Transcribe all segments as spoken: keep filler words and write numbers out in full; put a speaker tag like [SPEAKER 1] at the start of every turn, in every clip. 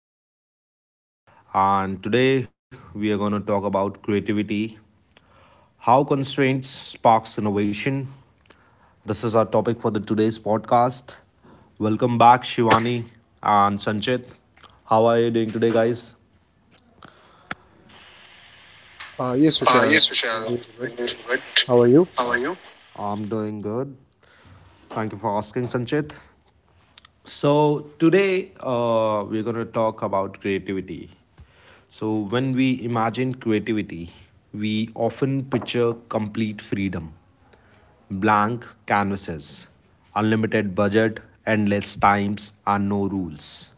[SPEAKER 1] another episode. And today we are going to talk about creativity, how constraints sparks innovation. This is our topic for the today's podcast. Welcome back, Shivani and Sanchit. How are you doing today, guys?
[SPEAKER 2] Uh, yes,
[SPEAKER 1] Uh, yes,
[SPEAKER 2] Vishal, I'm
[SPEAKER 1] Vishal.
[SPEAKER 2] doing really
[SPEAKER 1] I'm doing
[SPEAKER 2] good.
[SPEAKER 1] good.
[SPEAKER 2] How are you?
[SPEAKER 1] How are you? I'm doing good. Thank you for asking, Sanchit. So, today uh, we're going to talk about creativity. So, when we imagine creativity, we often picture complete freedom, blank canvases, unlimited budget, endless times, and no rules.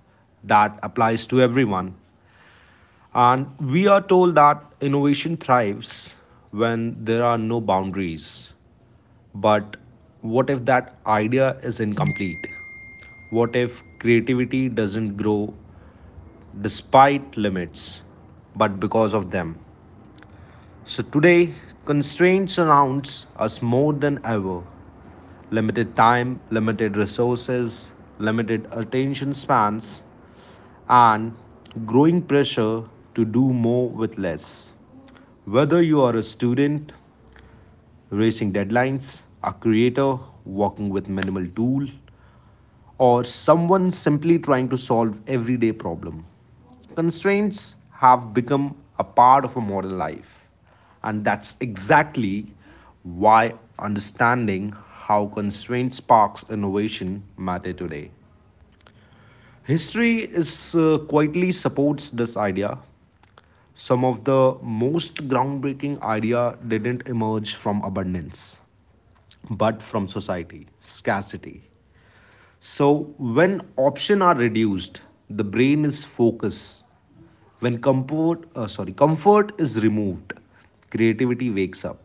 [SPEAKER 1] That applies to everyone. And we are told that innovation thrives when there are no boundaries. But what if that idea is incomplete? What if creativity doesn't grow despite limits, but because of them? So today, constraints surrounds us more than ever. Limited time, limited resources, limited attention spans, and growing pressure to do more with less. Whether you are a student, racing deadlines, a creator working with minimal tool, or someone simply trying to solve everyday problem. Constraints have become a part of a modern life, and that's exactly why understanding how constraint sparks innovation matter today. History is uh, quietly supports this idea. Some of the most groundbreaking ideas didn't emerge from abundance, but from society, scarcity. So, when options are reduced, the brain is focused. When comfort, uh, sorry, comfort is removed, creativity wakes up.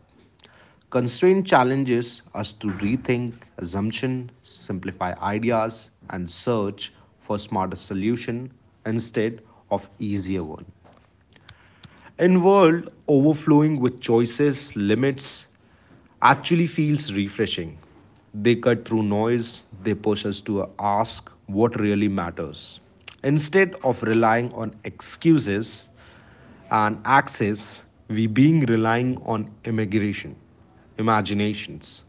[SPEAKER 1] Constraint challenges us to rethink assumption, simplify ideas, and search for smarter solution instead of easier one. In world overflowing with choices, limits actually feels refreshing. They cut through noise, they push us to ask what really matters. Instead of relying on excuses and access, we being relying on immigration, imaginations,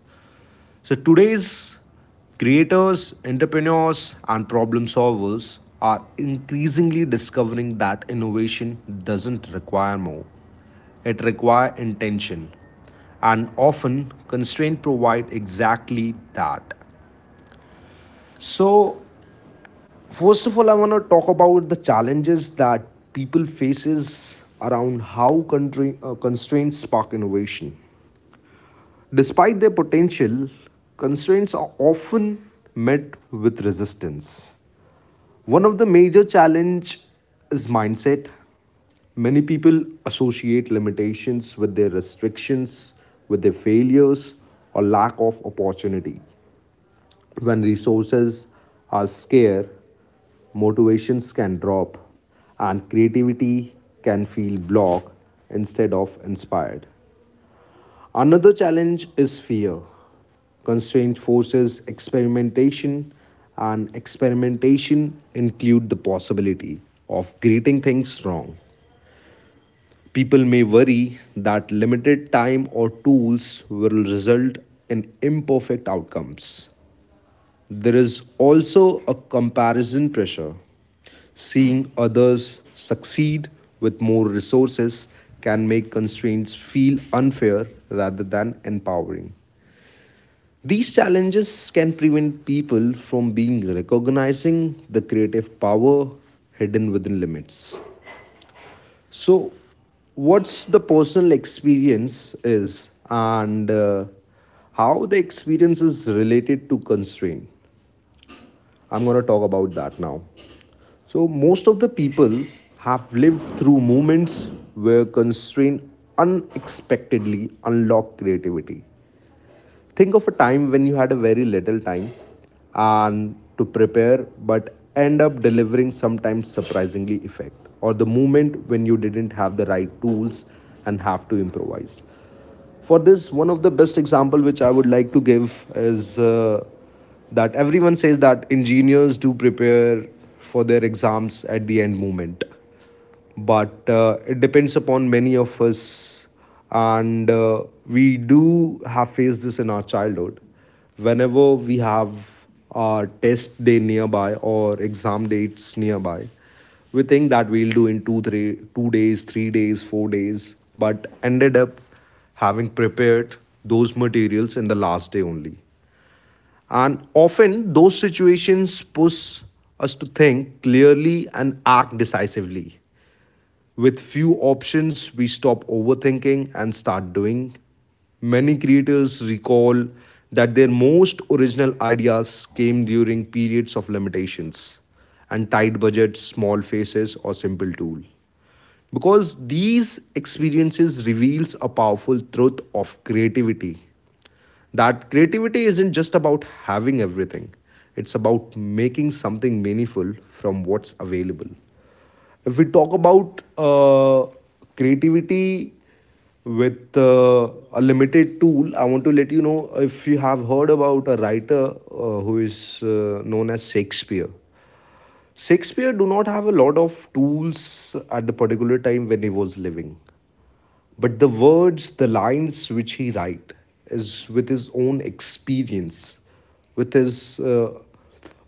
[SPEAKER 1] so today's creators, entrepreneurs, and problem solvers are increasingly discovering that innovation doesn't require more. It requires intention. And often constraints provide exactly that. So first of all, I want to talk about the challenges that people faces around how country, uh, constraints spark innovation. Despite their potential, constraints are often met with resistance. One of the major challenge is mindset. Many people associate limitations with their restrictions, with their failures or lack of opportunity. When resources are scarce, motivations can drop and creativity can feel blocked instead of inspired. Another challenge is fear. Constraint forces experimentation, and experimentation include the possibility of getting things wrong. People may worry that limited time or tools will result in imperfect outcomes. There is also a comparison pressure. Seeing others succeed with more resources can make constraints feel unfair rather than empowering. These challenges can prevent people from being recognizing the creative power hidden within limits. So, what's the personal experience is and uh, how the experience is related to constraint. I'm going to talk about that now. So, most of the people have lived through moments where constraint unexpectedly unlocked creativity. Think of a time when you had a very little time and to prepare but end up delivering sometimes surprisingly effect, or the moment when you didn't have the right tools and have to improvise. For this, one of the best example which I would like to give is uh, that everyone says that engineers do prepare for their exams at the end moment, but uh, it depends upon many of us, and uh, we do have faced this in our childhood. Whenever we have our test day nearby or exam dates nearby, we think that we'll do in two three two days, three days, four days, but ended up having prepared those materials in the last day only. And often those situations push us to think clearly and act decisively. With few options, we stop overthinking and start doing. Many creators recall that their most original ideas came during periods of limitations and tight budgets, small faces, or simple tool. Because these experiences reveals a powerful truth of creativity. That creativity isn't just about having everything. It's about making something meaningful from what's available. If we talk about uh, creativity with uh, a limited tool, I want to let you know if you have heard about a writer uh, who is uh, known as Shakespeare. Shakespeare do not have a lot of tools at the particular time when he was living, but the words, the lines which he write is with his own experience, with his uh,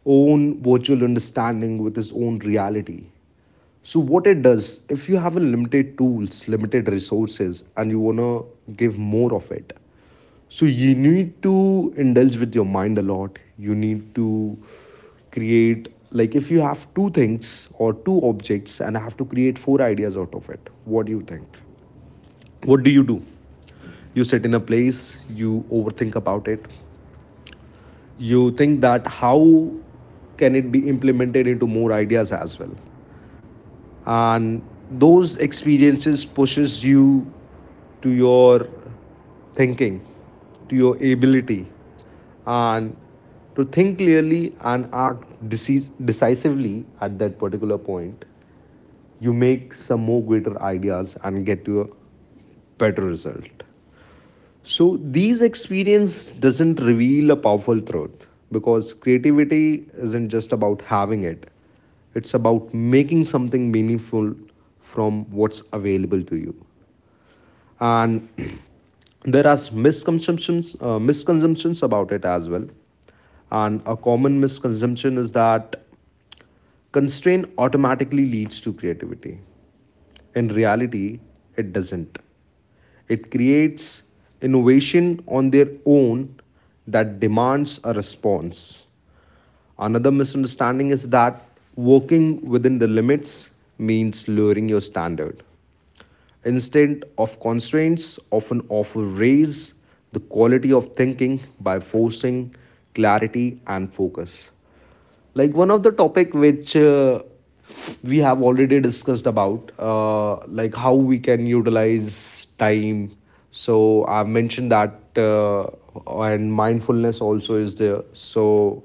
[SPEAKER 1] own virtual understanding, with his own reality. So what it does, if you have a limited tools, limited resources, and you want to give more of it, so you need to indulge with your mind a lot. You need to create, like if you have two things or two objects and I have to create four ideas out of it, what do you think, what do you do? You sit in a place, you overthink about it, you think that how can it be implemented into more ideas as well. And those experiences pushes you, to your thinking, to your ability, and to think clearly and act deci- decisively at that particular point. You make some more greater ideas and get to a better result. So these experience doesn't reveal a powerful truth, because creativity isn't just about having it. It's about making something meaningful from what's available to you. And there are misconceptions uh, misconceptions about it as well. And a common misconception is that constraint automatically leads to creativity. In reality, it doesn't. It creates innovation on their own that demands a response. Another misunderstanding is that working within the limits means lowering your standard. Instead of constraints, often offer raise the quality of thinking by forcing clarity and focus, like one of the topic which uh, we have already discussed about, uh, like how we can utilize time. So I've mentioned that, uh, and mindfulness also is there. So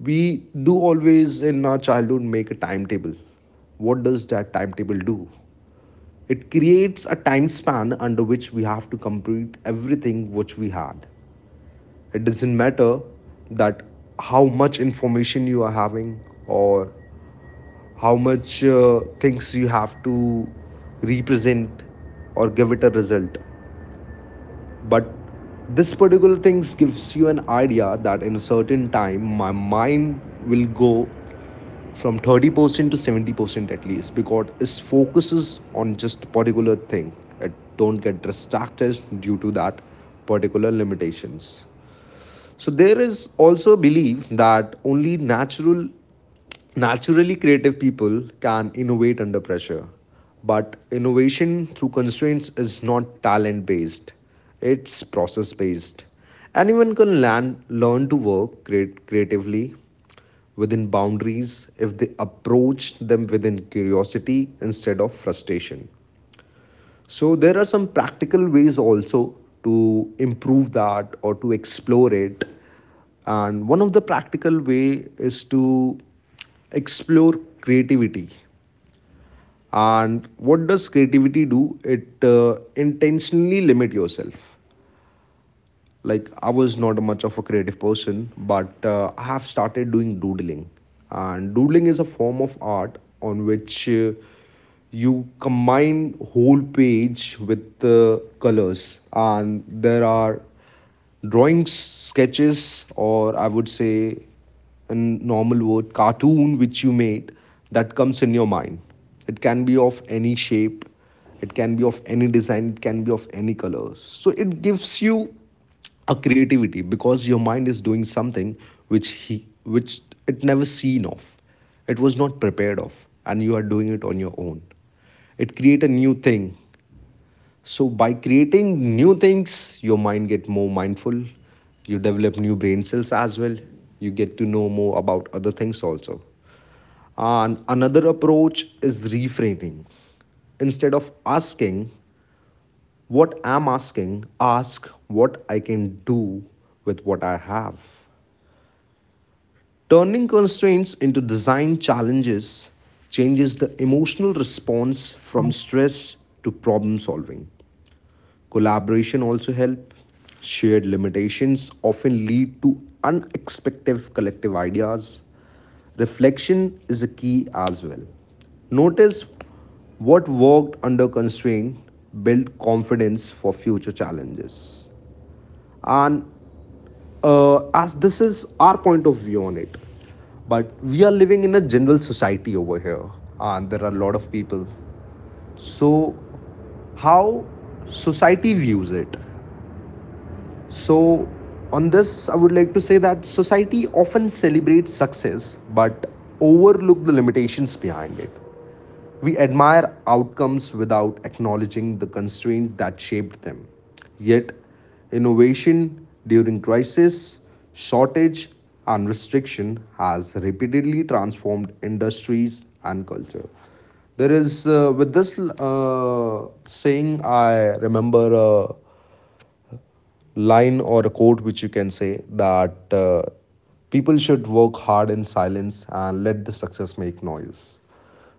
[SPEAKER 1] we do always in our childhood make a timetable. What does that timetable do? It creates a time span under which we have to complete everything which we had. It doesn't matter that how much information you are having, or how much uh, things you have to represent or give it a result. But this particular things gives you an idea that in a certain time my mind will go from thirty percent to seventy percent at least, because it focuses on just particular thing. It don't get distracted due to that particular limitations. So there is also a belief that only natural naturally creative people can innovate under pressure. But innovation through constraints is not talent based. It's process based. Anyone can learn, learn to work create, creatively within boundaries if they approach them within curiosity instead of frustration. So there are some practical ways also to improve that or to explore it. And one of the practical way is to explore creativity. And what does creativity do? It uh, intentionally limit yourself. Like I was not much of a creative person, but uh, I have started doing doodling, and doodling is a form of art on which uh, you combine whole page with uh, colors, and there are drawings, sketches, or I would say in normal word cartoon which you made, that comes in your mind. It can be of any shape, it can be of any design, it can be of any colors. So it gives you a creativity because your mind is doing something which he which it never seen of, it was not prepared of, and you are doing it on your own. It create a new thing. So by creating new things your mind get more mindful, you develop new brain cells as well, you get to know more about other things also. And another approach is reframing. Instead of asking what I'm asking, ask what I can do with what I have. Turning constraints into design challenges changes the emotional response from stress to problem solving. Collaboration also helps. Shared limitations often lead to unexpected collective ideas. Reflection is a key as well. Notice what worked under constraint build confidence for future challenges. And uh, as this is our point of view on it, but we are living in a general society over here and there are a lot of people, so how society views it. So on this I would like to say that society often celebrates success but overlook the limitations behind it. We admire outcomes without acknowledging the constraint that shaped them. Yet, innovation during crisis, shortage, and restriction has repeatedly transformed industries and culture. There is, uh, with this uh, saying, I remember a line or a quote which you can say that uh, people should work hard in silence and let the success make noise.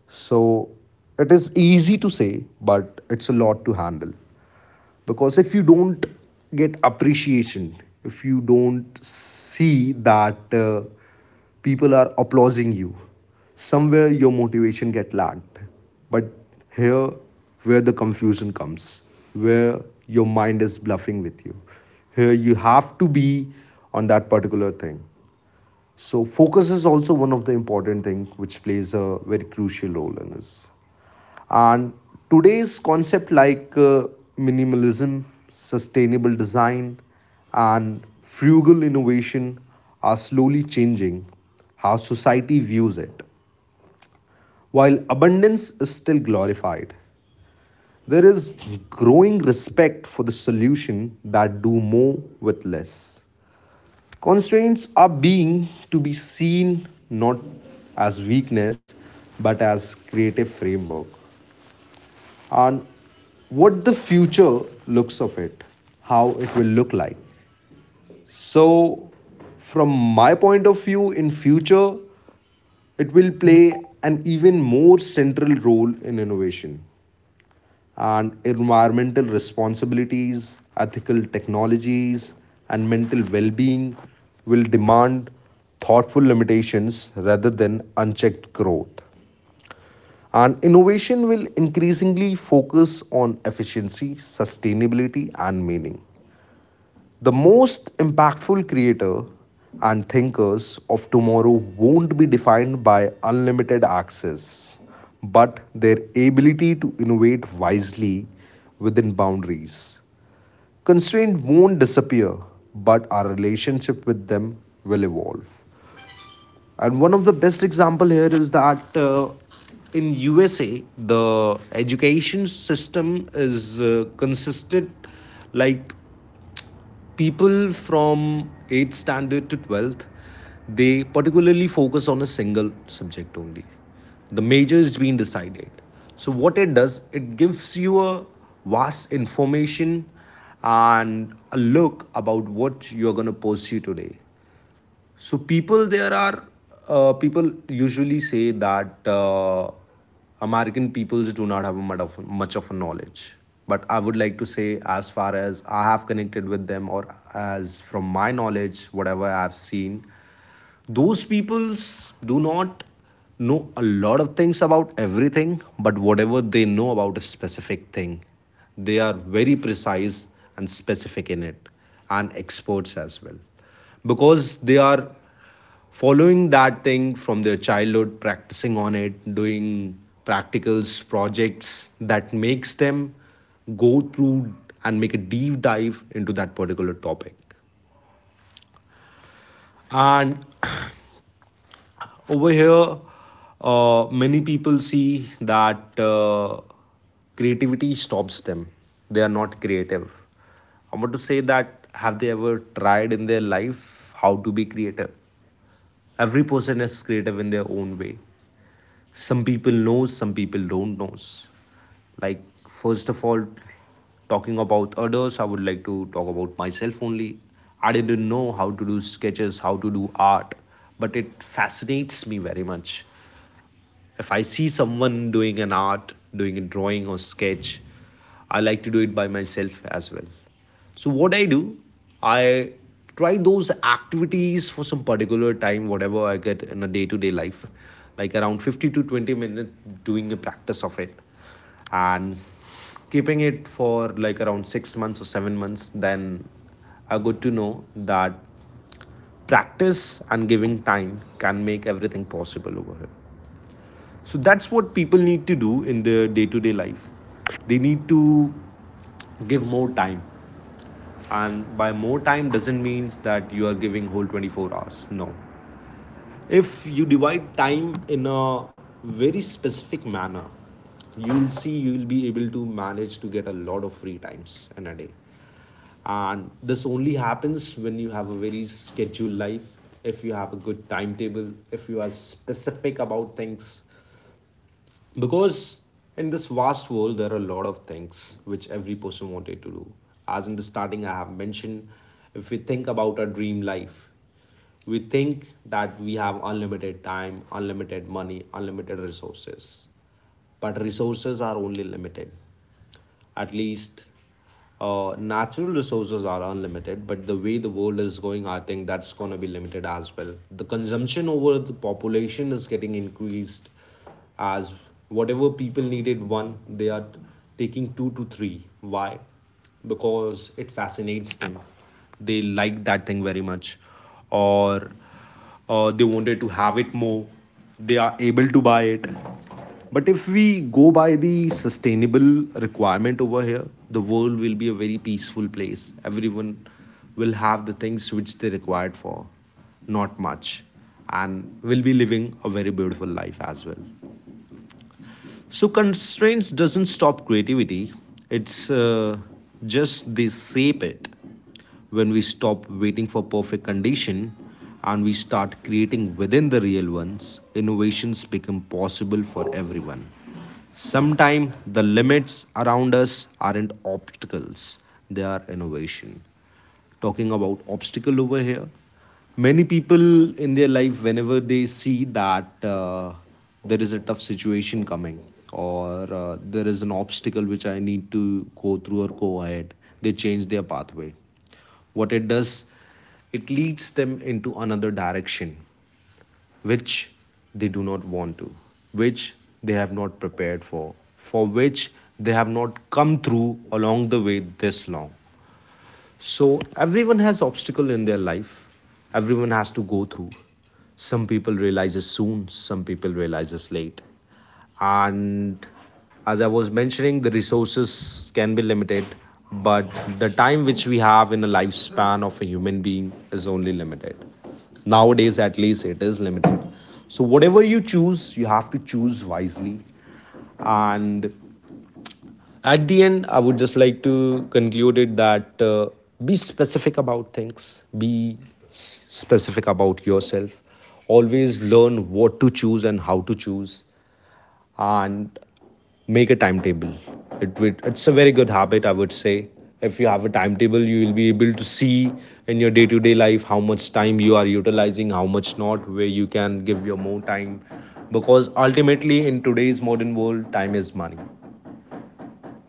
[SPEAKER 1] So it is easy to say, but it's a lot to handle. Because if you don't get appreciation, if you don't see that uh, people are applauding you, somewhere your motivation get lagged. But here, where the confusion comes, where your mind is bluffing with you, here you have to be on that particular thing. So focus is also one of the important thing which plays a very crucial role in this. And today's concept like uh, minimalism, sustainable design, and frugal innovation are slowly changing how society views it. While abundance is still glorified, there is growing respect for the solution that do more with less. Constraints are being to be seen not as weakness but as creative framework. And what the future looks of it, how it will look like. So, from my point of view, in future, it will play an even more central role in innovation and environmental responsibilities, ethical technologies, and mental well-being will demand thoughtful limitations rather than unchecked growth. And innovation will increasingly focus on efficiency, sustainability, and meaning. The most impactful creator and thinkers of tomorrow won't be defined by unlimited access, but their ability to innovate wisely within boundaries. Constraint won't disappear, but our relationship with them will evolve. And one of the best example here is that uh, in USA the education system is uh, consisted like people from eighth standard to twelfth, they particularly focus on a single subject only. The major is being decided. So what it does, it gives you a vast information and a look about what you're going to pursue today. So people there are, uh, people usually say that uh, American peoples do not have much of much of a knowledge. But I would like to say, as far as I have connected with them, or as from my knowledge, whatever I have seen, those peoples do not know a lot of things about everything, but whatever they know about a specific thing, they are very precise and specific in it, and experts as well, because they are following that thing from their childhood, practicing on it, doing practicals projects that makes them go through and make a deep dive into that particular topic. And over here, uh, many people see that uh, creativity stops them. They are not creative. I want to say that have they ever tried in their life how to be creative? Every person is creative in their own way. Some people knows, some people don't knows. Like first of all, talking about others, I would like to talk about myself only. I didn't know how to do sketches, how to do art, but it fascinates me very much. If I see someone doing an art, doing a drawing or sketch, I like to do it by myself as well. So, what I do, I try those activities for some particular time, whatever I get in a day to day life, like around fifty to twenty minutes doing a practice of it, and keeping it for like around six months or seven months. Then I got to know that practice and giving time can make everything possible over here. So that's what people need to do in their day to day life. They need to give more time. And by more time doesn't means that you are giving whole twenty-four hours. No. If you divide time in a very specific manner, you'll see you'll be able to manage to get a lot of free times in a day. And this only happens when you have a very scheduled life, if you have a good timetable, if you are specific about things, because in this vast world, there are a lot of things which every person wanted to do. As in the starting, I have mentioned, if we think about our dream life, we think that we have unlimited time, unlimited money, unlimited resources. But resources are only limited. At least, uh, natural resources are unlimited, but the way the world is going, I think that's going to be limited as well. The consumption over the population is getting increased, as whatever people needed one, they are taking two to three. Why? Because it fascinates them, they like that thing very much, or uh, they wanted to have it more, they are able to buy it. But if we go by the sustainable requirement over here, the world will be a very peaceful place. Everyone will have the things which they required for, not much, and will be living a very beautiful life as well. So constraints doesn't stop creativity. It's uh, just they shape it. When we stop waiting for perfect condition and we start creating within the real ones, innovations become possible for everyone. Sometimes the limits around us aren't obstacles, they are innovation. Talking about obstacle over here, many people in their life, whenever they see that uh, there is a tough situation coming, or uh, there is an obstacle which I need to go through or go ahead, they change their pathway. What it does, it leads them into another direction which they do not want to, which they have not prepared for for which they have not come through along the way this long. So everyone has obstacle in their life, everyone has to go through. Some people realizes soon, some people realizes late. And as I was mentioning, the resources can be limited, but the time which we have in a lifespan of a human being is only limited. Nowadays at least it is limited. So whatever you choose, you have to choose wisely. And at the end, I would just like to conclude it that uh, be specific about things, be specific about yourself, always learn what to choose and how to choose, and make a timetable. It would, it's a very good habit, I would say. If you have a timetable, you will be able to see in your day to day life how much time you are utilizing, how much not, where you can give your more time. Because ultimately, in today's modern world, time is money.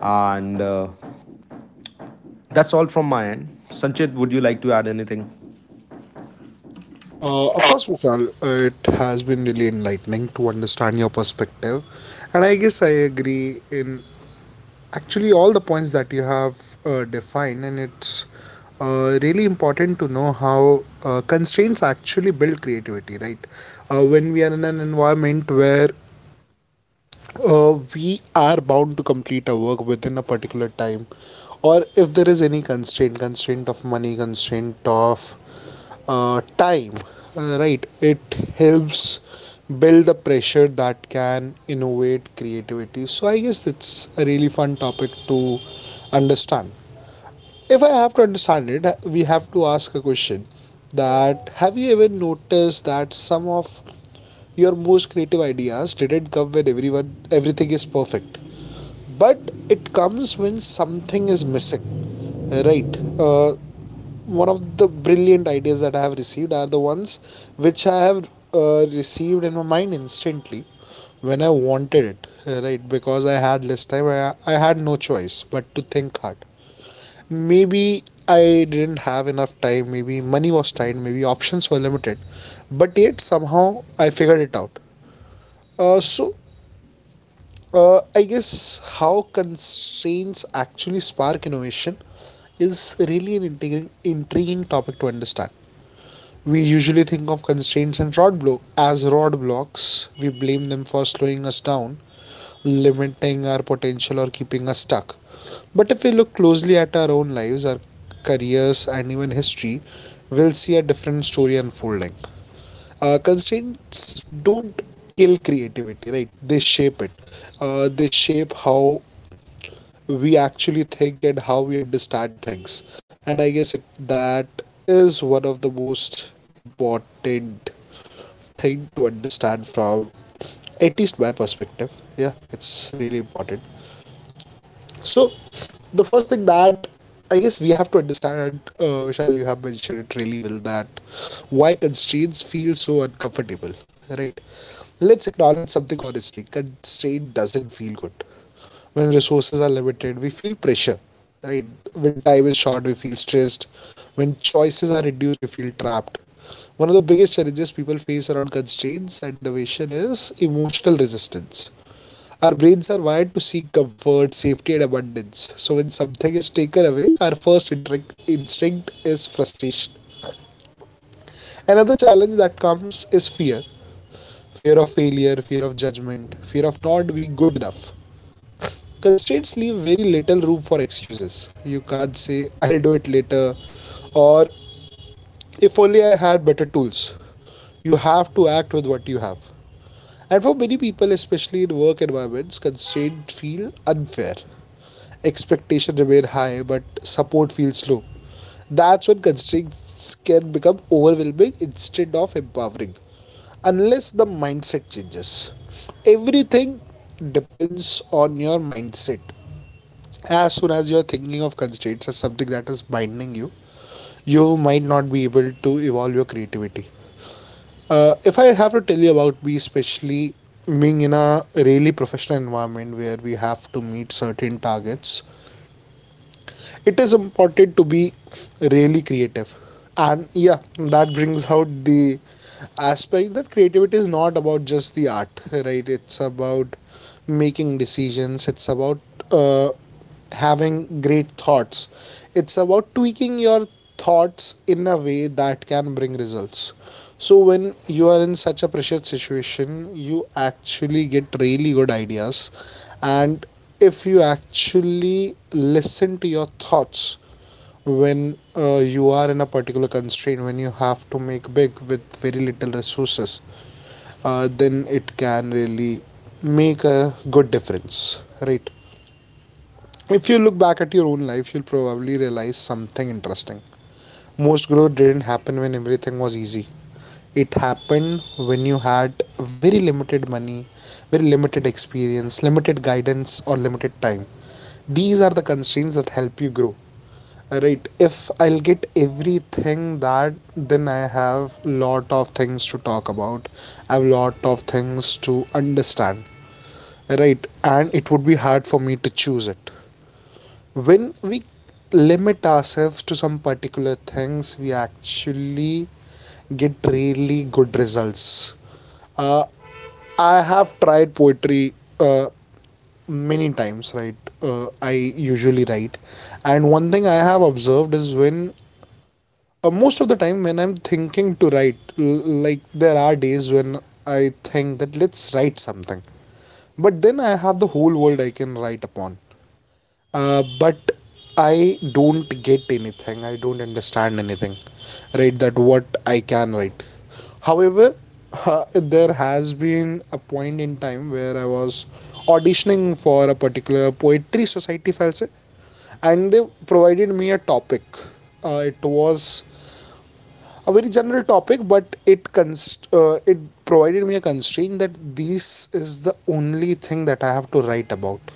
[SPEAKER 1] And uh, that's all from my end. Sanchit, would you like to add anything?
[SPEAKER 2] Uh, of course, Vishal, uh, it has been really enlightening to understand your perspective. And I guess I agree in actually all the points that you have uh, defined. And it's uh, really important to know how uh, constraints actually build creativity, right? Uh, when we are in an environment where uh, we are bound to complete a work within a particular time, or if there is any constraint, constraint of money, constraint of uh, time, uh, right, it helps build the pressure that can innovate creativity. So I guess it's a really fun topic to understand. If I have to understand it, we have to ask a question, that have you ever noticed that some of your most creative ideas didn't come when everyone everything is perfect, but it comes when something is missing, right? Uh, one of the brilliant ideas that I have received are the ones which I have uh, received in my mind instantly when I wanted it, uh, right? Because I had less time, I, I had no choice but to think hard. Maybe I didn't have enough time, maybe money was tight, maybe options were limited, but yet somehow I figured it out. Uh, so, uh, I guess how constraints actually spark innovation is really an intriguing, intriguing topic to understand. We usually think of constraints and rod block as rod blocks. We blame them for slowing us down, limiting our potential, or keeping us stuck. But if we look closely at our own lives, our careers, and even history, we'll see a different story unfolding. Uh, constraints don't kill creativity, right? They shape it. Uh, they shape how we actually think and how we understand things. And I guess it, that is one of the most important thing to understand from at least my perspective. Yeah, it's really important. So the first thing that I guess we have to understand, and uh, Vishal, you have mentioned it really well, that why constraints feel so uncomfortable, right? Let's acknowledge something honestly. Constraint doesn't feel good. When resources are limited, we feel pressure, right? When time is short, we feel stressed. When choices are reduced, we feel trapped. One of the biggest challenges people face around constraints and innovation is emotional resistance. Our brains are wired to seek comfort, safety, and abundance. So when something is taken away, our first instinct is frustration. Another challenge that comes is fear: fear of failure, fear of judgment, fear of not being good enough. Constraints leave very little room for excuses. You can't say, I'll do it later, or if only I had better tools. You have to act with what you have. And for many people, especially in work environments, constraints feel unfair. Expectations remain high, but support feels low. That's when constraints can become overwhelming instead of empowering, unless the mindset changes. Everything depends on your mindset. As soon as you're thinking of constraints as something that is binding you, you might not be able to evolve your creativity. Uh, if I have to tell you about me, especially being in a really professional environment where we have to meet certain targets, it is important to be really creative. And yeah, that brings out the aspect that creativity is not about just the art, right? It's about making decisions, it's about uh, having great thoughts, it's about tweaking your thoughts in a way that can bring results. So, when you are in such a pressured situation, you actually get really good ideas, and if you actually listen to your thoughts when uh, you are in a particular constraint, when you have to make big with very little resources, uh, then it can really make a good difference, right? If you look back at your own life, you'll probably realize something interesting. Most growth didn't happen when everything was easy. It happened when you had very limited money, very limited experience, limited guidance, or limited time. These are the constraints that help you grow, right? If I'll get everything that, then I have lot of things to talk about. I have lot of things to understand, right, and it would be hard for me to choose it. When we limit ourselves to some particular things, we actually get really good results. uh, I have tried poetry uh, many times, right? uh, I usually write, and one thing I have observed is when, uh, most of the time when I'm thinking to write, like there are days when I think that let's write something, but then I have the whole world I can write upon. Uh, but I don't get anything. I don't understand anything. Right, that what I can write. However, uh, there has been a point in time where I was auditioning for a particular poetry society, if I'll say, and they provided me a topic. Uh, it was a very general topic, but it const uh, it provided me a constraint that this is the only thing that I have to write about.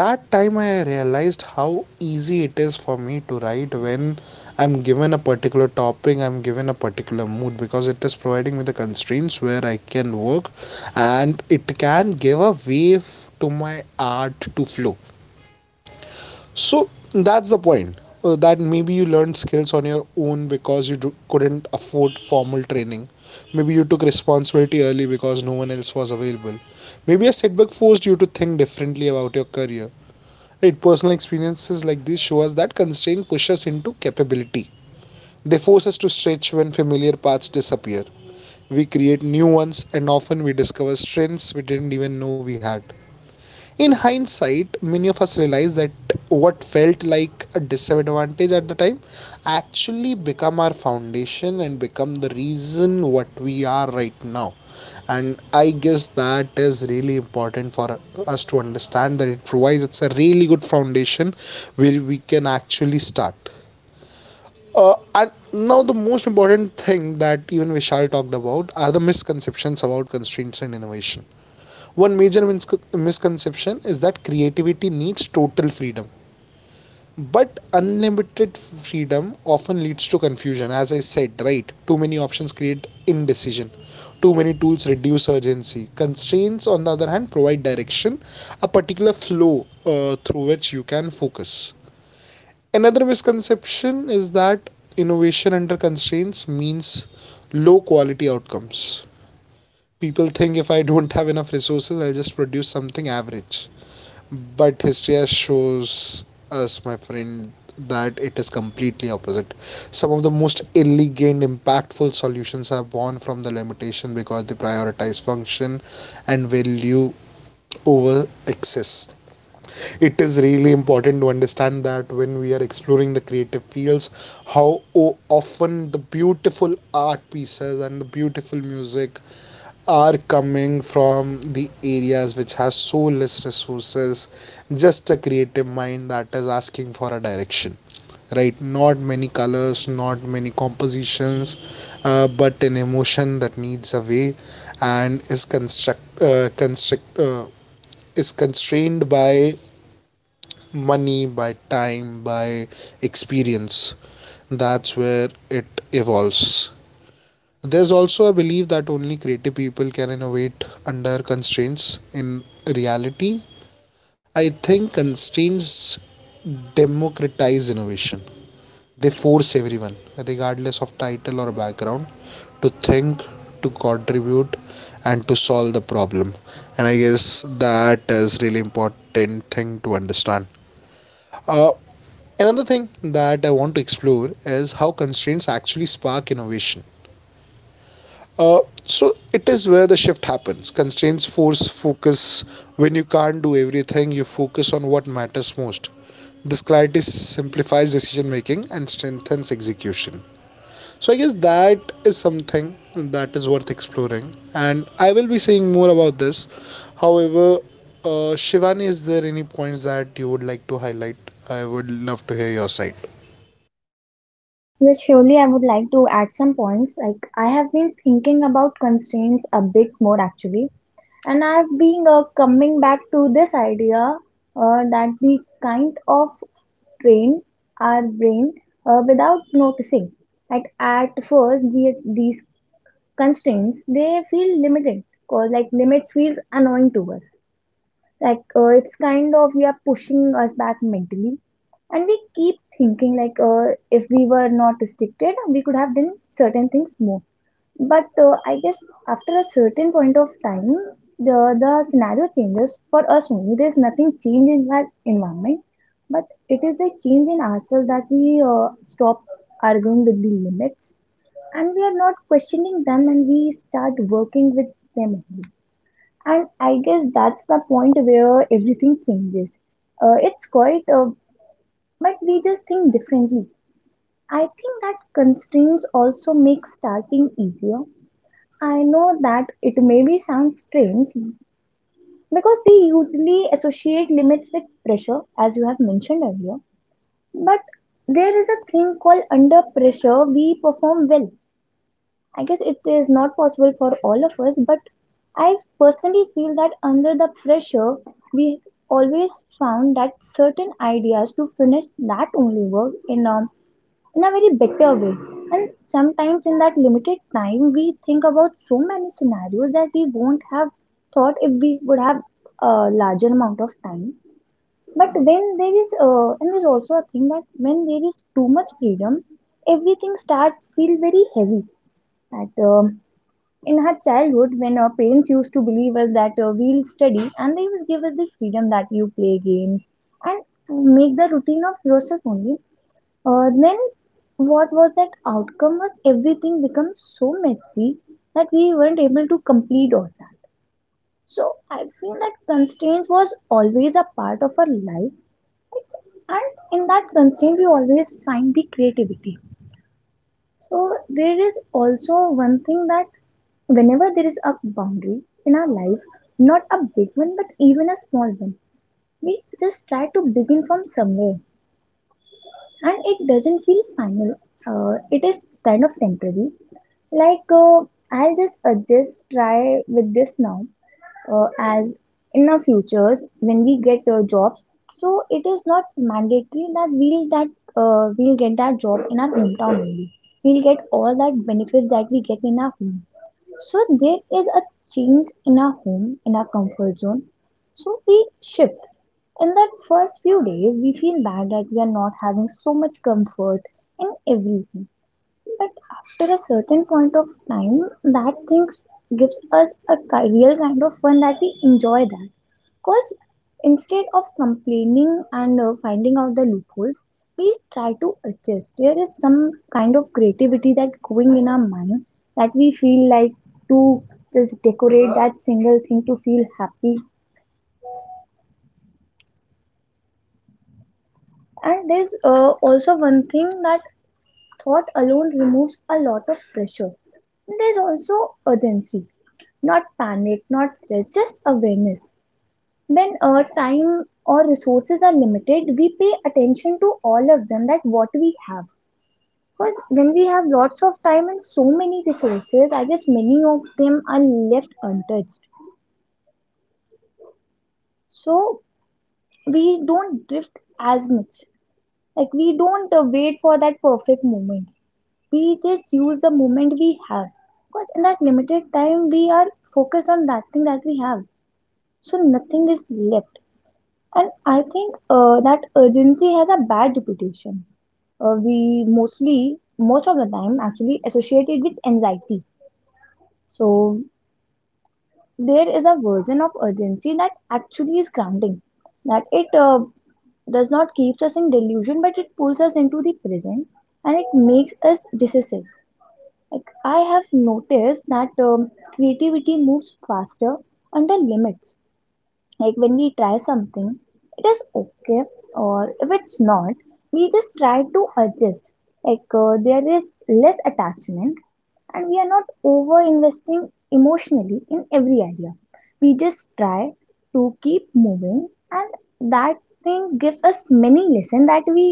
[SPEAKER 2] That time I realized how easy it is for me to write when I'm given a particular topic, I'm given a particular mood, because it is providing me the constraints where I can work, and it can give a wave to my art to flow. So that's the point. Uh, that maybe you learned skills on your own because you do, couldn't afford formal training. Maybe you took responsibility early because no one else was available. Maybe a setback forced you to think differently about your career. Right, personal experiences like this show us that constraint pushes us into capability. They force us to stretch when familiar paths disappear. We create new ones, and often we discover strengths we didn't even know we had. In hindsight, many of us realize that what felt like a disadvantage at the time actually become our foundation and become the reason what we are right now. And I guess that is really important for us to understand, that it provides, it's a really good foundation where we can actually start. Uh, and now the most important thing, that even Vishal talked about, are the misconceptions about constraints and innovation. One major mis- misconception is that creativity needs total freedom, but unlimited freedom often leads to confusion, as I said, right? Too many options create indecision. Too many tools reduce urgency. Constraints, on the other hand, provide direction, a particular flow uh, through which you can focus. Another misconception is that innovation under constraints means low quality outcomes. People think if I don't have enough resources, I'll just produce something average. But history shows us, my friend, that it is completely opposite. Some of the most elegant impactful solutions are born from the limitation because they prioritize function and value over excess. It is really important to understand that when we are exploring the creative fields, how o- often the beautiful art pieces and the beautiful music are coming from the areas which has so less resources. Just a creative mind that is asking for a direction, right? Not many colors, not many compositions, uh, but an emotion that needs a way, and is construct uh, constrict uh, is constrained by money, by time, by experience. That's where it evolves. There's also a belief that only creative people can innovate under constraints. In reality, I think constraints democratize innovation. They force everyone, regardless of title or background, to think, to contribute, and to solve the problem. And I guess that is really important thing to understand. Uh, Another thing that I want to explore is how constraints actually spark innovation. Uh, so it is where the shift happens. Constraints force focus. When you can't do everything, you focus on what matters most. This clarity simplifies decision making and strengthens execution. So I guess that is something that is worth exploring, and I will be saying more about this. However, uh, Shivani, is there any points that you would like to highlight? I would love to hear your side.
[SPEAKER 3] Yes, surely I would like to add some points. Like, I have been thinking about constraints a bit more actually, and I've been uh, coming back to this idea uh, that we kind of train our brain uh, without noticing. Like, at first, the, these constraints they feel limited because like limit feels annoying to us like uh, it's kind of we are pushing us back mentally, and we keep thinking like uh, if we were not restricted we could have done certain things more. But uh, I guess after a certain point of time, the the scenario changes for us only. There's nothing change in that environment, but it is the change in ourselves that we uh, stop arguing with the limits, and we are not questioning them and we start working with them only. And I guess that's the point where everything changes. Uh, it's quite, uh, but we just think differently. I think that constraints also make starting easier. I know that it maybe sounds strange because we usually associate limits with pressure, as you have mentioned earlier. But there is a thing called under pressure, we perform well. I guess it is not possible for all of us, but I personally feel that under the pressure, we always found that certain ideas to finish that only work in a, in a very better way. And sometimes in that limited time, we think about so many scenarios that we won't have thought if we would have a larger amount of time. But when there is, uh, and there's also a thing that when there is too much freedom, everything starts feel very heavy. That um, In her childhood when our parents used to believe us that uh, we'll study, and they will give us this freedom that you play games and make the routine of yourself only. Uh, then what was that outcome was everything become so messy that we weren't able to complete all that. So I feel that constraint was always a part of our life, and in that constraint we always find the creativity. So there is also one thing that whenever there is a boundary in our life, not a big one but even a small one, we just try to begin from somewhere and it doesn't feel final. Uh, it is kind of temporary. Like, uh, I'll just adjust, try with this now, uh, as in our futures when we get uh, jobs. So it is not mandatory that we'll that uh, we'll get that job in our hometown, we'll get all that benefits that we get in our home. So there is a change in our home, in our comfort zone. So we shift. In that first few days, we feel bad that we are not having so much comfort in everything. But after a certain point of time, that thing gives us a ki- real kind of fun that we enjoy that. Because instead of complaining and uh, finding out the loopholes, please try to adjust. There is some kind of creativity that going in our mind that we feel like to just decorate that single thing to feel happy. And there's uh, also one thing that thought alone removes a lot of pressure. There's also urgency, not panic, not stress, just awareness. When our time or resources are limited, we pay attention to all of them that what we have, because when we have lots of time and so many resources I guess many of them are left untouched. So we don't drift as much. Like, we don't uh, wait for that perfect moment, we just use the moment we have, because in that limited time we are focused on that thing that we have, so nothing is left. And I think uh, that urgency has a bad reputation. Uh, we mostly, most of the time, actually associate it with anxiety. So there is a version of urgency that actually is grounding, that it uh, does not keep us in delusion, but it pulls us into the present and it makes us decisive. Like, I have noticed that um, creativity moves faster under limits. Like, when we try something it is okay, or if it's not we just try to adjust. Like, uh, there is less attachment, and we are not over investing emotionally in every idea. We just try to keep moving, and that thing gives us many lessons that we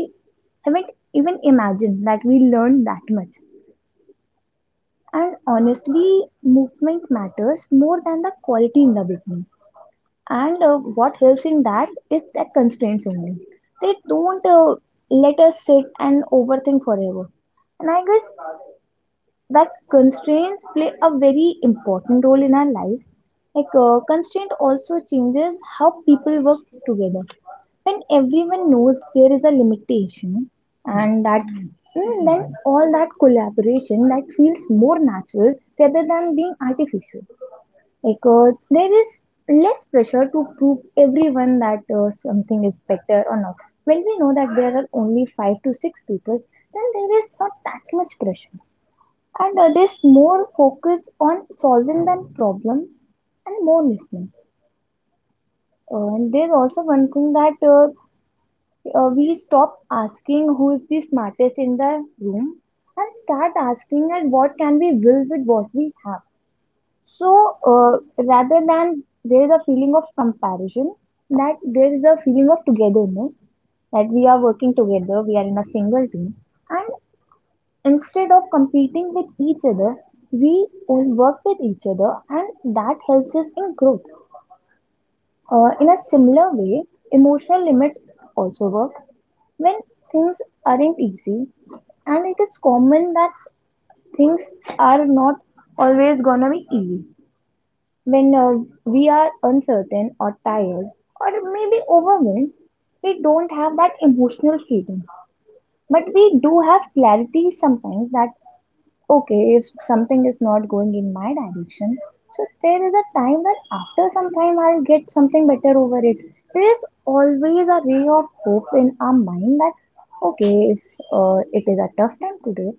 [SPEAKER 3] haven't even imagined that we learned that much. And honestly, movement matters more than the quality in the beginning, and uh, what helps in that is that constraints only. They don't uh, let us sit and overthink forever. And I guess that constraints play a very important role in our life. Like, uh, constraint also changes how people work together. When everyone knows there is a limitation, and that mm, then all that collaboration that feels more natural rather than being artificial, because there is less pressure to prove everyone that uh, something is better or not. When we know that there are only five to six people, then there is not that much pressure, and uh, there's more focus on solving the problem and more listening. Uh, and there's also one thing that uh, uh, we stop asking who is the smartest in the room and start asking at what can we will with what we have. So uh, rather than there is a feeling of comparison, that there is a feeling of togetherness, that we are working together, we are in a single team, and instead of competing with each other, we all work with each other, and that helps us in growth. Uh, in a similar way, emotional limits also work when things aren't easy, and it is common that things are not always gonna be easy. When uh, we are uncertain or tired or maybe overwhelmed, we don't have that emotional freedom. But we do have clarity sometimes that, okay, if something is not going in my direction, so there is a time that after some time I'll get something better over it. There is always a ray of hope in our mind that, okay, if uh, it is a tough time today,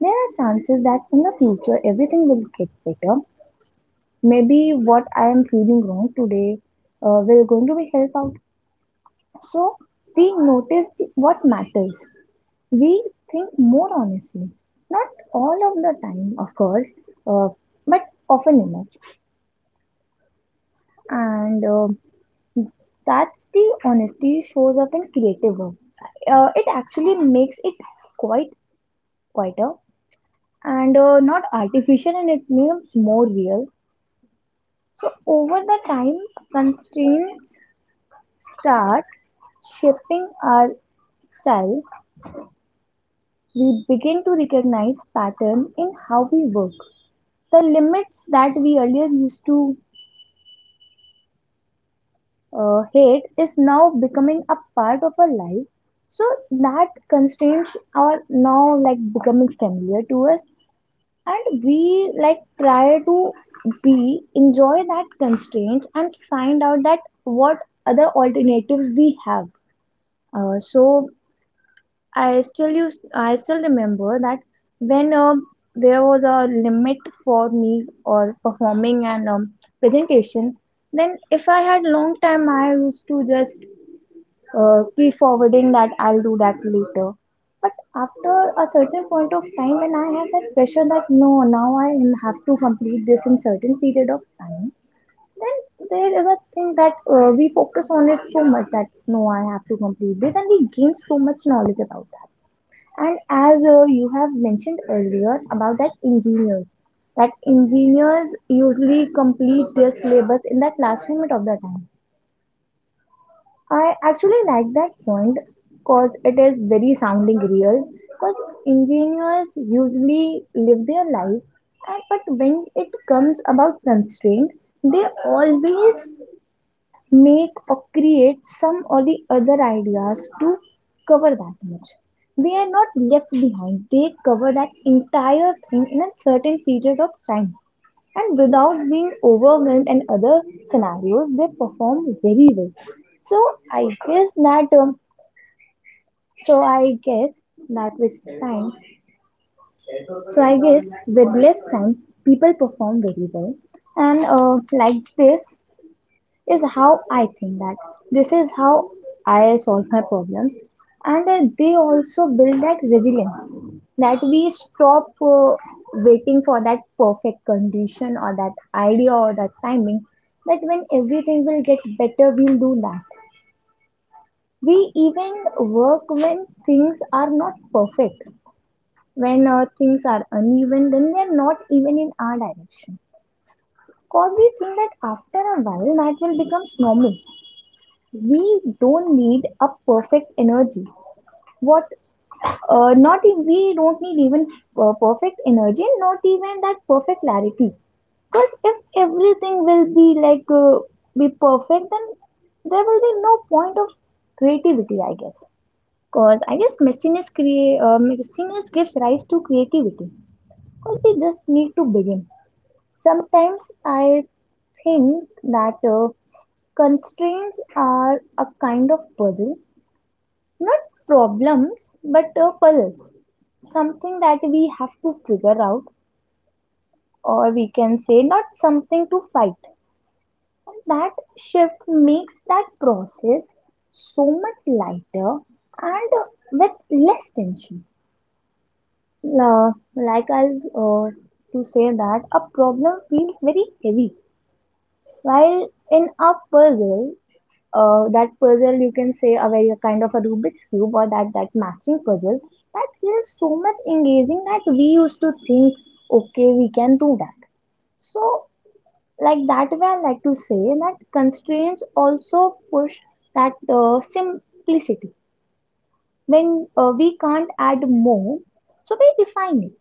[SPEAKER 3] there are chances that in the future everything will get better. Maybe what I am feeling wrong today uh, will going to be help out. So we notice what matters. We think more honestly. Not all of the time, of course, uh, but often enough. And uh, that's the honesty shows up in creative work. Uh, it actually makes it quite quieter, and uh, not artificial, and it becomes more real. So over the time, constraints start shaping our style, we begin to recognize pattern in how we work. The limits that we earlier used to uh, hate is now becoming a part of our life. So that constraints are now like becoming familiar to us, and we like try to be enjoy that constraints and find out that what other alternatives we have. Uh, so I still used, I still remember that when um there was a limit for me or performing an um, presentation. Then if I had long time, I used to just uh, keep forwarding that I'll do that later. But after a certain point of time, when I had that pressure that no, now I have to complete this in certain period of time, then there is a thing that uh, we focus on it so much that no, I have to complete this, and we gain so much knowledge about that. And as uh, you have mentioned earlier about that engineers, that engineers, usually complete their syllabus in the classroom at of the time. I actually like that point because it is very sounding real. Because engineers usually live their life, and but when it comes about constraint, they always make or create some or the other ideas to cover that much. They are not left behind, they cover that entire thing in a certain period of time. And without being overwhelmed and other scenarios, they perform very well. So I guess that um, so I guess that with time, so I guess with less time, people perform very well. And uh, like this, is how I think that this is how I solve my problems, and uh, they also build that resilience that we stop uh, waiting for that perfect condition or that idea or that timing. That when everything will get better, we'll do that. We even work when things are not perfect. When uh, things are uneven, then they're not even in our direction. Because we think that after a while that will become normal, we don't need a perfect energy. What uh, not e- we don't need even uh, perfect energy, not even that perfect clarity. Because if everything will be like uh, be perfect, then there will be no point of creativity, I guess. Because I guess messiness crea- uh, messiness gives rise to creativity, because we just need to begin. Sometimes I think that uh, constraints are a kind of puzzle, not problems, but uh, puzzles. Something that we have to figure out, or we can say, not something to fight. And that shift makes that process so much lighter and uh, with less tension. Uh, like I was uh, to say that a problem feels very heavy. While in a puzzle, uh, that puzzle, you can say a very kind of a Rubik's cube or that that matching puzzle, that feels so much engaging that we used to think, okay, we can do that. So, like that way, I like to say that constraints also push that uh, simplicity. When uh, we can't add more, so we define it.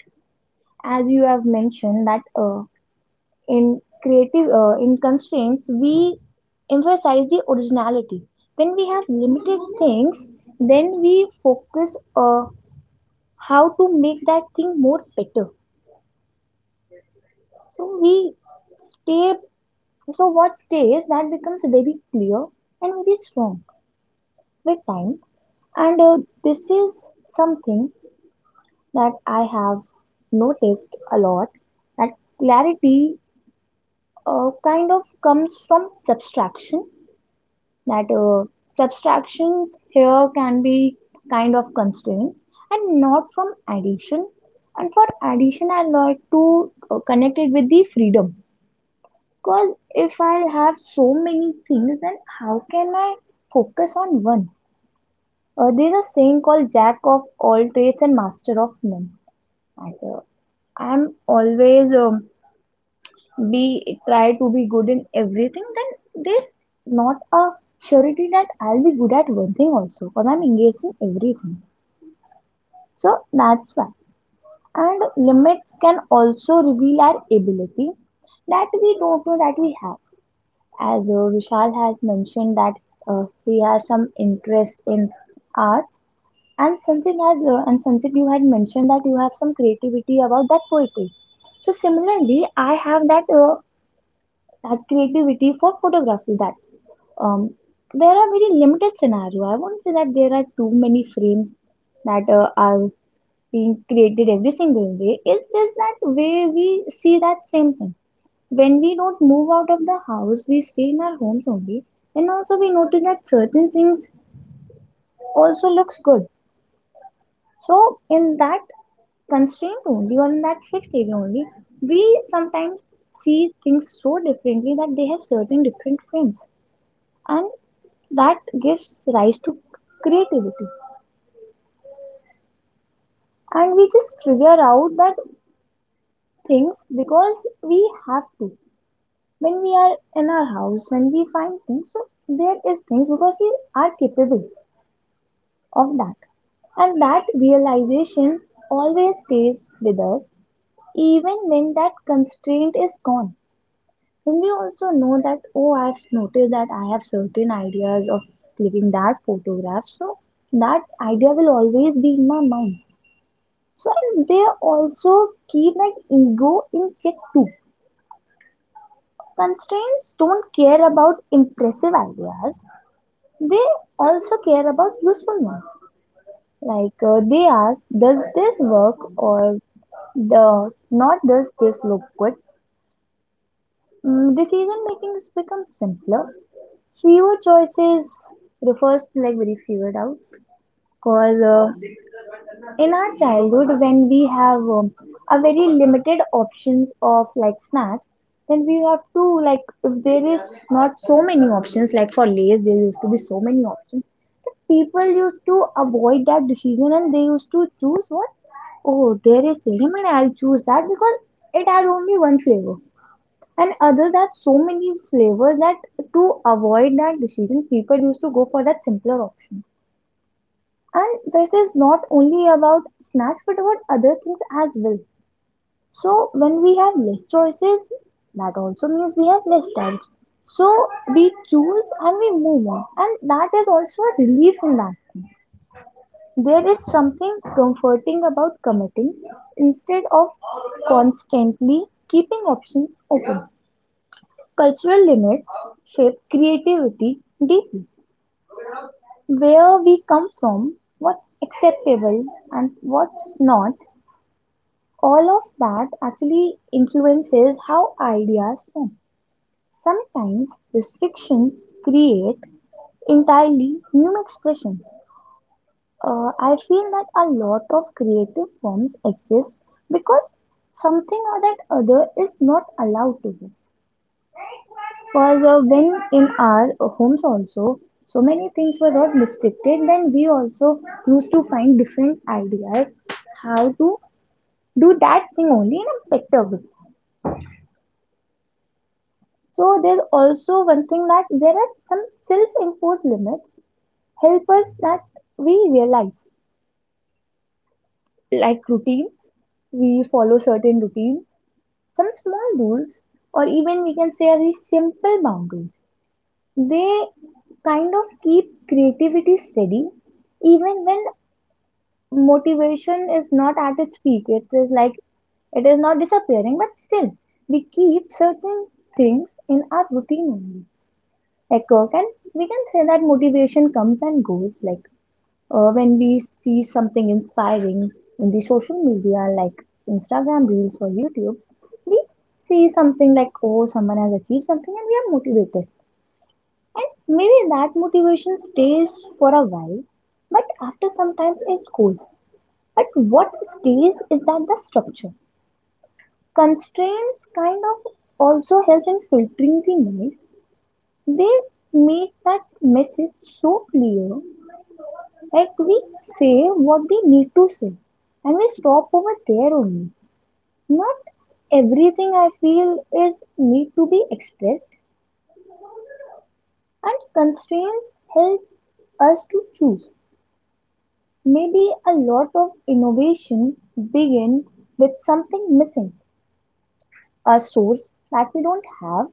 [SPEAKER 3] As you have mentioned that uh, in creative uh, in constraints, we emphasize the originality. When we have limited things, then we focus uh, how to make that thing more better, so we stay. So what stays, that becomes very clear and very strong with time. And uh, this is something that I have noticed a lot, that clarity uh, kind of comes from subtraction. That uh, subtractions here can be kind of constraints, and not from addition. And for addition, I like to uh, connect it with the freedom, because if I have so many things, then how can I focus on one? Uh, there's a saying called jack of all trades and master of none. And, uh, I'm always um, be try to be good in everything, then there's not a surety that I'll be good at one thing also because I'm engaged in everything. So that's why. And limits can also reveal our ability that we don't know that we have. As uh, Vishal has mentioned that uh, he has some interest in arts, and Sanjit has uh, and Sanjit, you had mentioned that you have some creativity about that poetry. So similarly, I have that uh, that creativity for photography, that um, there are very limited scenario. I won't say that there are too many frames that uh, are being created every single day. It's just that way we see that same thing when we don't move out of the house, we stay in our homes only. And also we notice that certain things also looks good. So in that constraint only, or in that fixed area only, we sometimes see things so differently that they have certain different frames, and that gives rise to creativity. And we just figure out that things because we have to. When we are in our house, when we find things, so there is things because we are capable of that. And that realization always stays with us, even when that constraint is gone. And we also know that, oh, I've noticed that I have certain ideas of clicking that photograph, so that idea will always be in my mind. So they also keep like ego in check too. Constraints don't care about impressive ideas. They also care about usefulness. Like uh, they ask, does this work, or the not, does this look good? Mm, decision making has become simpler. Fewer choices refers to like very fewer doubts. Cause uh, in our childhood when we have um, a very limited options of like snacks, then we have to, like, if there is not so many options, like for lays there used to be so many options, people used to avoid that decision and they used to choose what, oh, there is lemon, I'll choose that, because it has only one flavor, and others have so many flavors, that to avoid that decision, people used to go for that simpler option. And this is not only about snacks, but about other things as well. So when we have less choices, that also means we have less time. So we choose and we move on. And that is also a relief in that. There is something comforting about committing instead of constantly keeping options open. Cultural limits shape creativity deeply. Where we come from, what's acceptable and what's not, all of that actually influences how ideas form. Sometimes restrictions create entirely new expression. Uh, I feel that a lot of creative forms exist because something or that other is not allowed to use. Because uh, when in our homes also, so many things were not restricted, then we also used to find different ideas how to do that thing only in a better way. So there's also one thing that there are some self-imposed limits help us, that we realize, like routines, we follow certain routines, some small rules, or even we can say very simple boundaries. They kind of keep creativity steady, even when motivation is not at its peak. It is like it is not disappearing, but still we keep certain things in our routine only. Like uh, can, we can say that motivation comes and goes. Like uh, when we see something inspiring in the social media, like Instagram reels or YouTube, we see something like, oh, someone has achieved something, and we are motivated. And maybe that motivation stays for a while, but after sometimes it goes. But what stays is that the structure. Constraints kind of also help in filtering the noise. They make that message so clear. Like we say what we need to say, and we stop over there only. Not everything, I feel, is need to be expressed, and constraints help us to choose. Maybe a lot of innovation begins with something missing, a source that we don't have,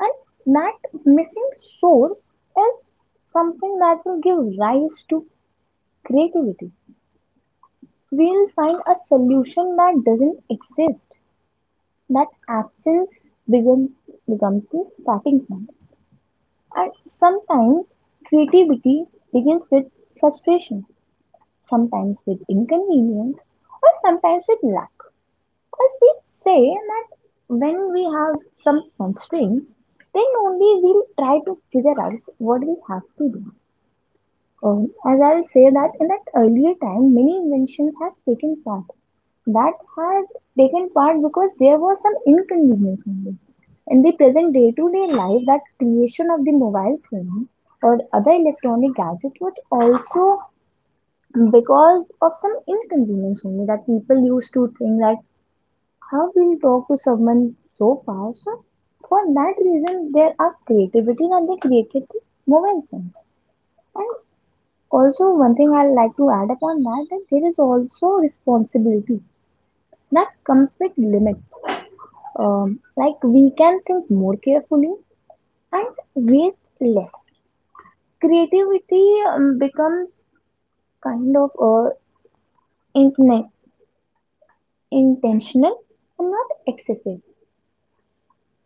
[SPEAKER 3] and that missing source is something that will give rise to creativity. We'll find a solution that doesn't exist. That absence begin, becomes the starting point. And sometimes creativity begins with frustration, sometimes with inconvenience, or sometimes with lack. Because we say that when we have some constraints, then only we'll try to figure out what we have to do. Um, as I say that in that earlier time, many inventions has taken part. That had taken part because there was some inconvenience only. In the present day-to-day life, that creation of the mobile phones or other electronic gadgets was also because of some inconvenience only, that people used to think that how we'll talk to someone so far. So for that reason, there are creativity that they created the mobile phones. And also, one thing I like to add upon that, that there is also responsibility that comes with limits. Um, like we can think more carefully and waste less. Creativity um, becomes kind of uh, intene- intentional and not excessive.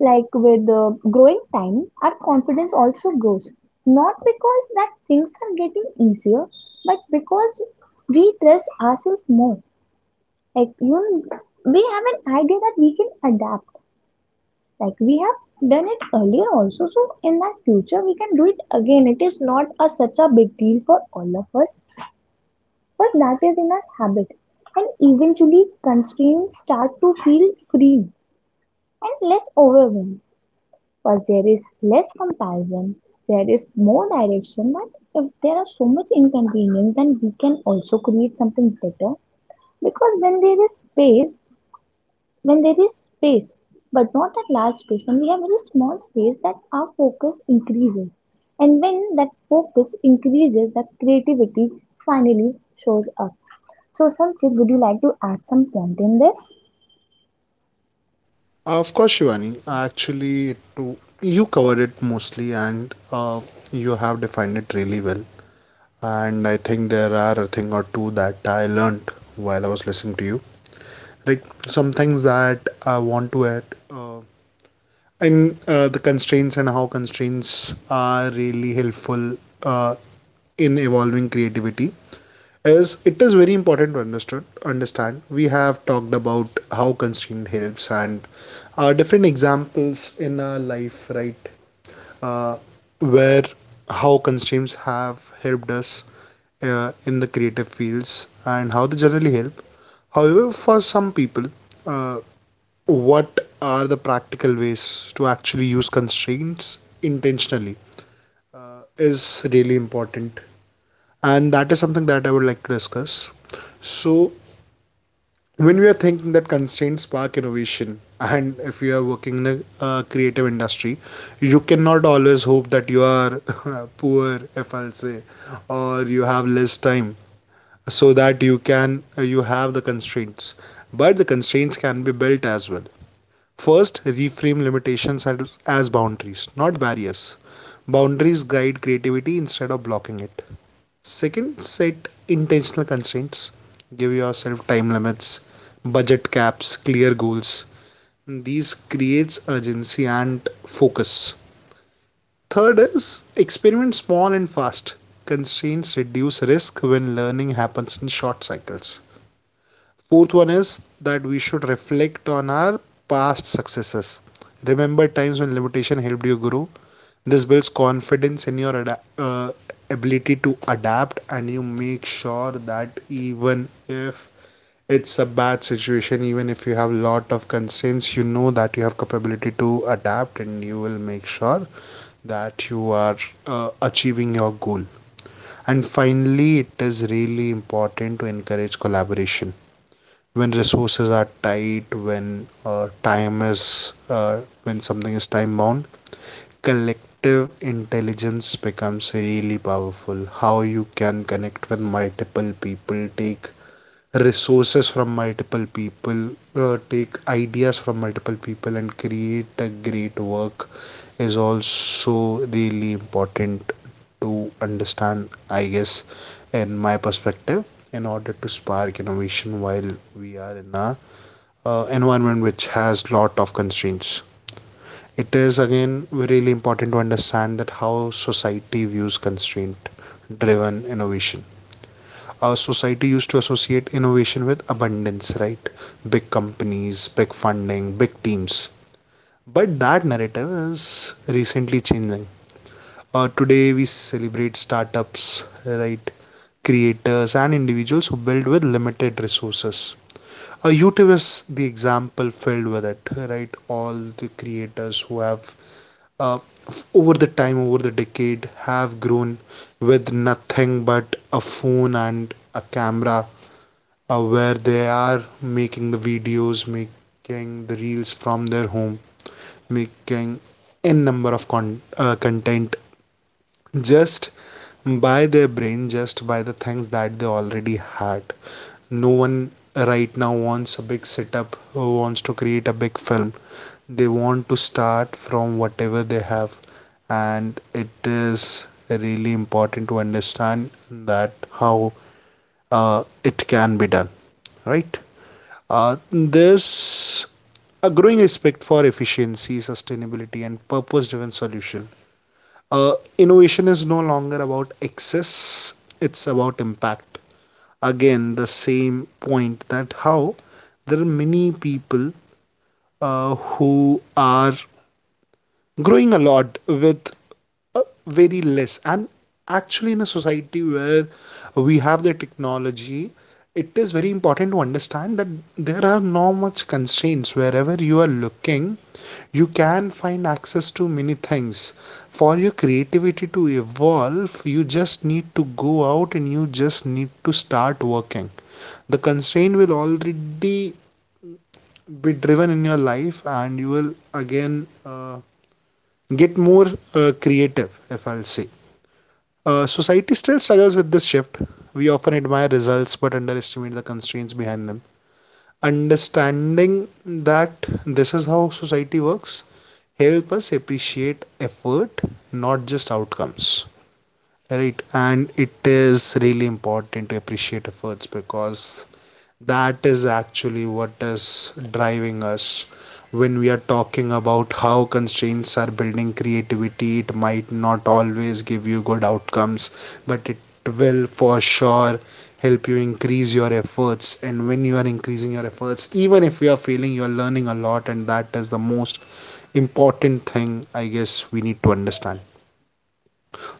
[SPEAKER 3] Like with uh, growing time, our confidence also grows. Not because that things are getting easier, but because we trust ourselves more. Like you, we have an idea that we can adapt. Like we have done it earlier also. So in that future, we can do it again. It is not a such a big deal for all of us, but that is in our habit. And eventually, constraints start to feel free and less overwhelmed, because there is less comparison. There is more direction. That if there are so much inconvenience, then we can also create something better, because when there is space, when there is space, but not that large space, when we have very small space, that our focus increases. And when that focus increases, that creativity finally shows up. So, Sanchit, would you like to add some point in this?
[SPEAKER 2] Uh, Of course, Shivani. Uh, Actually, to- you covered it mostly, and uh, you have defined it really well. And I think there are a thing or two that I learned while I was listening to you. Like some things that I want to add. Uh, and uh, the constraints, and how constraints are really helpful uh, in evolving creativity, is it is very important to understood understand. We have talked about how constraint helps, and uh, different examples in our life, right, uh, where how constraints have helped us uh, in the creative fields and how they generally help. However, for some people, uh, what are the practical ways to actually use constraints intentionally uh, is really important, and that is something that I would like to discuss. So, when we are thinking that constraints spark innovation and if you are working in a uh, creative industry, you cannot always hope that you are poor if I'll say, or you have less time so that you can uh, you have the constraints, but the constraints can be built as well. First, reframe limitations as, as boundaries, not barriers. Boundaries guide creativity instead of blocking it. Second, set intentional constraints. Give yourself time limits, budget caps, clear goals. These creates urgency and focus. Third is experiment small and fast. Constraints reduce risk when learning happens in short cycles. Fourth one is that we should reflect on our past successes. Remember times when limitation helped you grow. This builds confidence in your ada- uh, ability to adapt, and you make sure that even if it's a bad situation, even if you have lot of concerns, you know that you have capability to adapt, and you will make sure that you are uh, achieving your goal. And finally, it is really important to encourage collaboration when resources are tight, when uh, time is uh, when something is time bound, collective intelligence becomes really powerful. How you can connect with multiple people, take resources from multiple people, uh, take ideas from multiple people, and create a great work is also really important to understand, I guess, in my perspective. In order to spark innovation while we are in a uh, environment which has lot of constraints, it is again really important to understand that how society views constraint driven innovation. Our society used to associate innovation with abundance, right? Big companies, big funding, big teams. But that narrative is recently changing. Uh, today we celebrate startups, right? Creators and individuals who build with limited resources. Uh, youtube is the example filled with it, right? All the creators who have uh, over the time, over the decade, have grown with nothing but a phone and a camera, uh, where they are making the videos, making the reels from their home, making n number of con- uh, content just by their brain, just by the things that they already had. No one right now wants a big setup, or wants to create a big film. They want to start from whatever they have, and it is really important to understand that how uh, it can be done, right? uh, there's a growing respect for efficiency, sustainability and purpose driven solution. Uh, innovation is no longer about excess, it's about impact. Again, the same point that how there are many people uh, who are growing a lot with uh, very less. And actually, in a society where we have the technology, it is very important to understand that there are not much constraints. Wherever you are looking, you can find access to many things. For your creativity to evolve, you just need to go out and you just need to start working. The constraint will already be driven in your life, and you will again uh, get more uh, creative, if I'll say. Uh, society still struggles with this shift. We often admire results but underestimate the constraints behind them. Understanding that this is how society works help us appreciate effort, not just outcomes. Right, and it is really important to appreciate efforts because that is actually what is driving us. When we are talking about how constraints are building creativity, it might not always give you good outcomes, but it will for sure help you increase your efforts, and when you are increasing your efforts, even if you are failing, you are learning a lot, and that is the most important thing I guess we need to understand.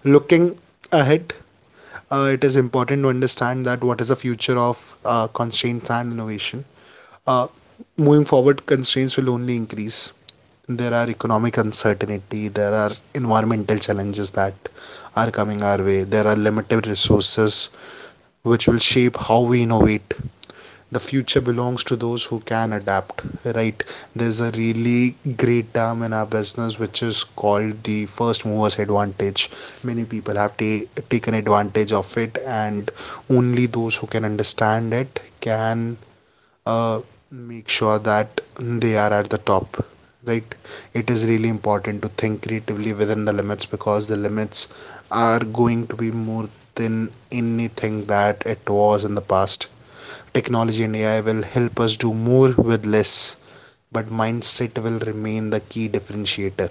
[SPEAKER 2] Looking ahead, uh, it is important to understand that what is the future of uh, constraints and innovation. Uh, moving forward, constraints will only increase. There are economic uncertainty, there are environmental challenges that are coming our way, there are limited resources which will shape how we innovate. The future belongs to those who can adapt, right? There's a really great term in our business which is called the first movers advantage. Many people have ta- taken advantage of it, and only those who can understand it can uh, make sure that they are at the top, right? It is really important to think creatively within the limits, because the limits are going to be more than anything that it was in the past. Technology and A I will help us do more with less, but mindset will remain the key differentiator.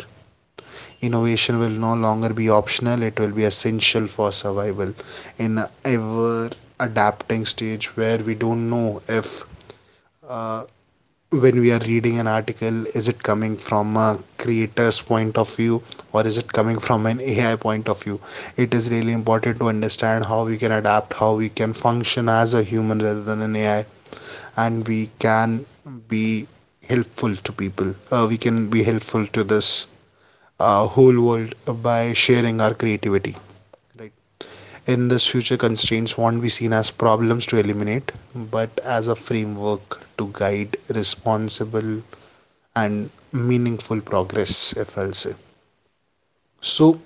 [SPEAKER 2] Innovation will no longer be optional, it will be essential for survival in a ever adapting stage where we don't know if uh, when we are reading an article, is it coming from a creator's point of view or is it coming from an A I point of view. It is really important to understand how we can adapt, how we can function as a human rather than an A I, and we can be helpful to people. Uh, we can be helpful to this uh, whole world by sharing our creativity, right? In this future, constraints won't be seen as problems to eliminate, but as a framework to guide responsible and meaningful progress, if I'll say. So,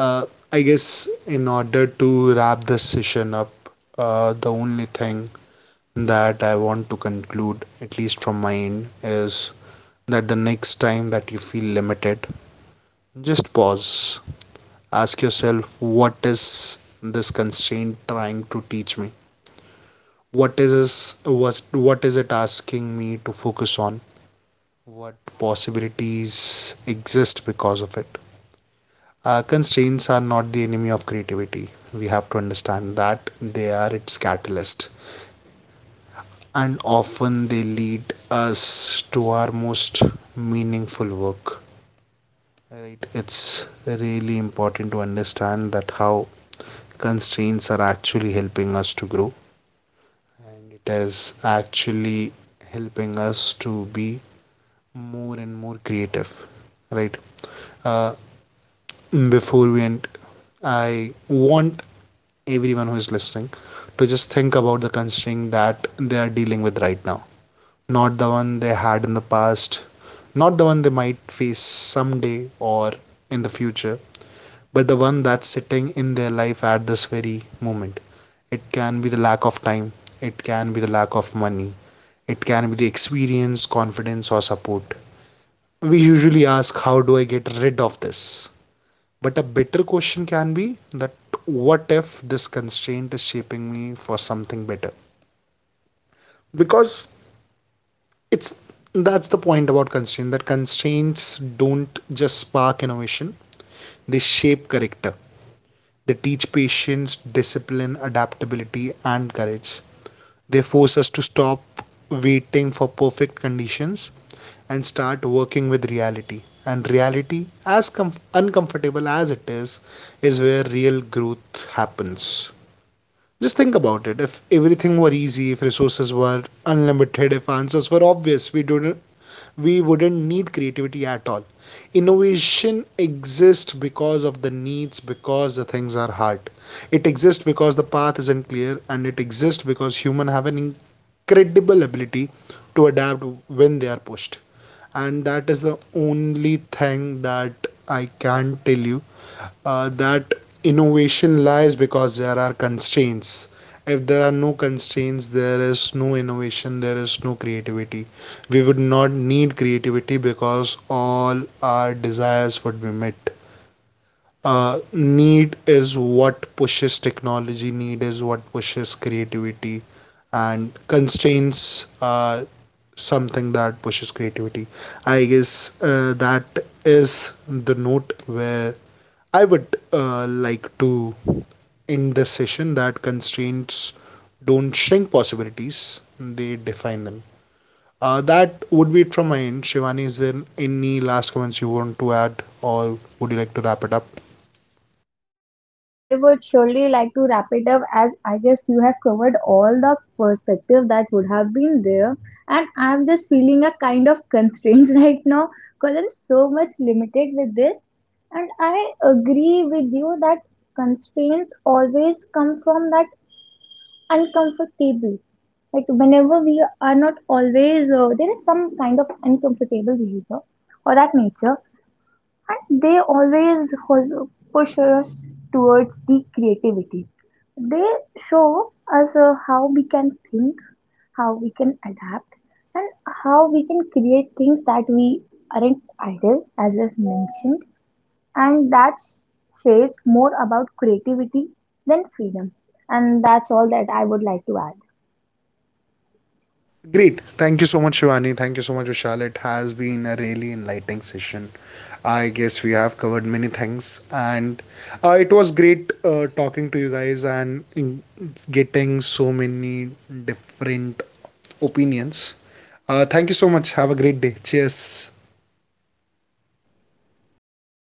[SPEAKER 2] uh, I guess in order to wrap this session up, uh, the only thing that I want to conclude, at least from my end, is that the next time that you feel limited, just pause. Ask yourself, what is this constraint trying to teach me? What is this, was what is it asking me to focus on? What possibilities exist because of it? Uh, constraints are not the enemy of creativity. We have to understand that they are its catalyst, and often they lead us to our most meaningful work. Right? It's really important to understand that how constraints are actually helping us to grow, and it is actually helping us to be more and more creative. Right? Uh, Before we end, I want everyone who is listening to just think about the constraint that they are dealing with right now, not the one they had in the past, not the one they might face someday or in the future, but the one that's sitting in their life at this very moment. It can be the lack of time, it can be the lack of money, it can be the experience, confidence, or support. We usually ask, how do I get rid of this? But a better question can be that what if this constraint is shaping me for something better? Because it's that's the point about constraint, that constraints don't just spark innovation, they shape character. They teach patience, discipline, adaptability and courage. They force us to stop waiting for perfect conditions and start working with reality, and reality, as comf- uncomfortable as it is is where real growth happens. Just think about it, if everything were easy, if resources were unlimited, if answers were obvious, we don't we wouldn't need creativity at all. Innovation exists because of the needs, because the things are hard. It exists because the path isn't clear, and it exists because humans have an incredible ability to adapt when they are pushed. And that is the only thing that I can tell you, uh, that innovation lies because there are constraints. If there are no constraints, there is no innovation, there is no creativity. We would not need creativity because all our desires would be met. Uh, need is what pushes technology, need is what pushes creativity, and constraints are something that pushes creativity. I guess uh, that is the note where I would uh, like to end this session, that constraints don't shrink possibilities, they define them. Uh, that would be it from my end. Shivani, is there any last comments you want to add, or would you like to wrap it up?
[SPEAKER 3] Uh, I would surely like to wrap it up, as I guess you have covered all the perspective that would have been there. And I'm just feeling a kind of constraints right now, because I'm so much limited with this. And I agree with you that constraints always come from that uncomfortable. Like whenever we are not always, uh, there is some kind of uncomfortable behavior or that nature, and they always hol- push us towards the creativity. They show us uh, how we can think, how we can adapt, and how we can create things that we aren't idle, as we've mentioned. And that says more about creativity than freedom. And that's all that I would like to add.
[SPEAKER 2] Great. Thank you so much, Shivani. Thank you so much, Vishal. It has been a really enlightening session. I guess we have covered many things, and uh, it was great uh, talking to you guys and mm, getting so many different opinions. Uh, thank you so much. Have a great day. Cheers.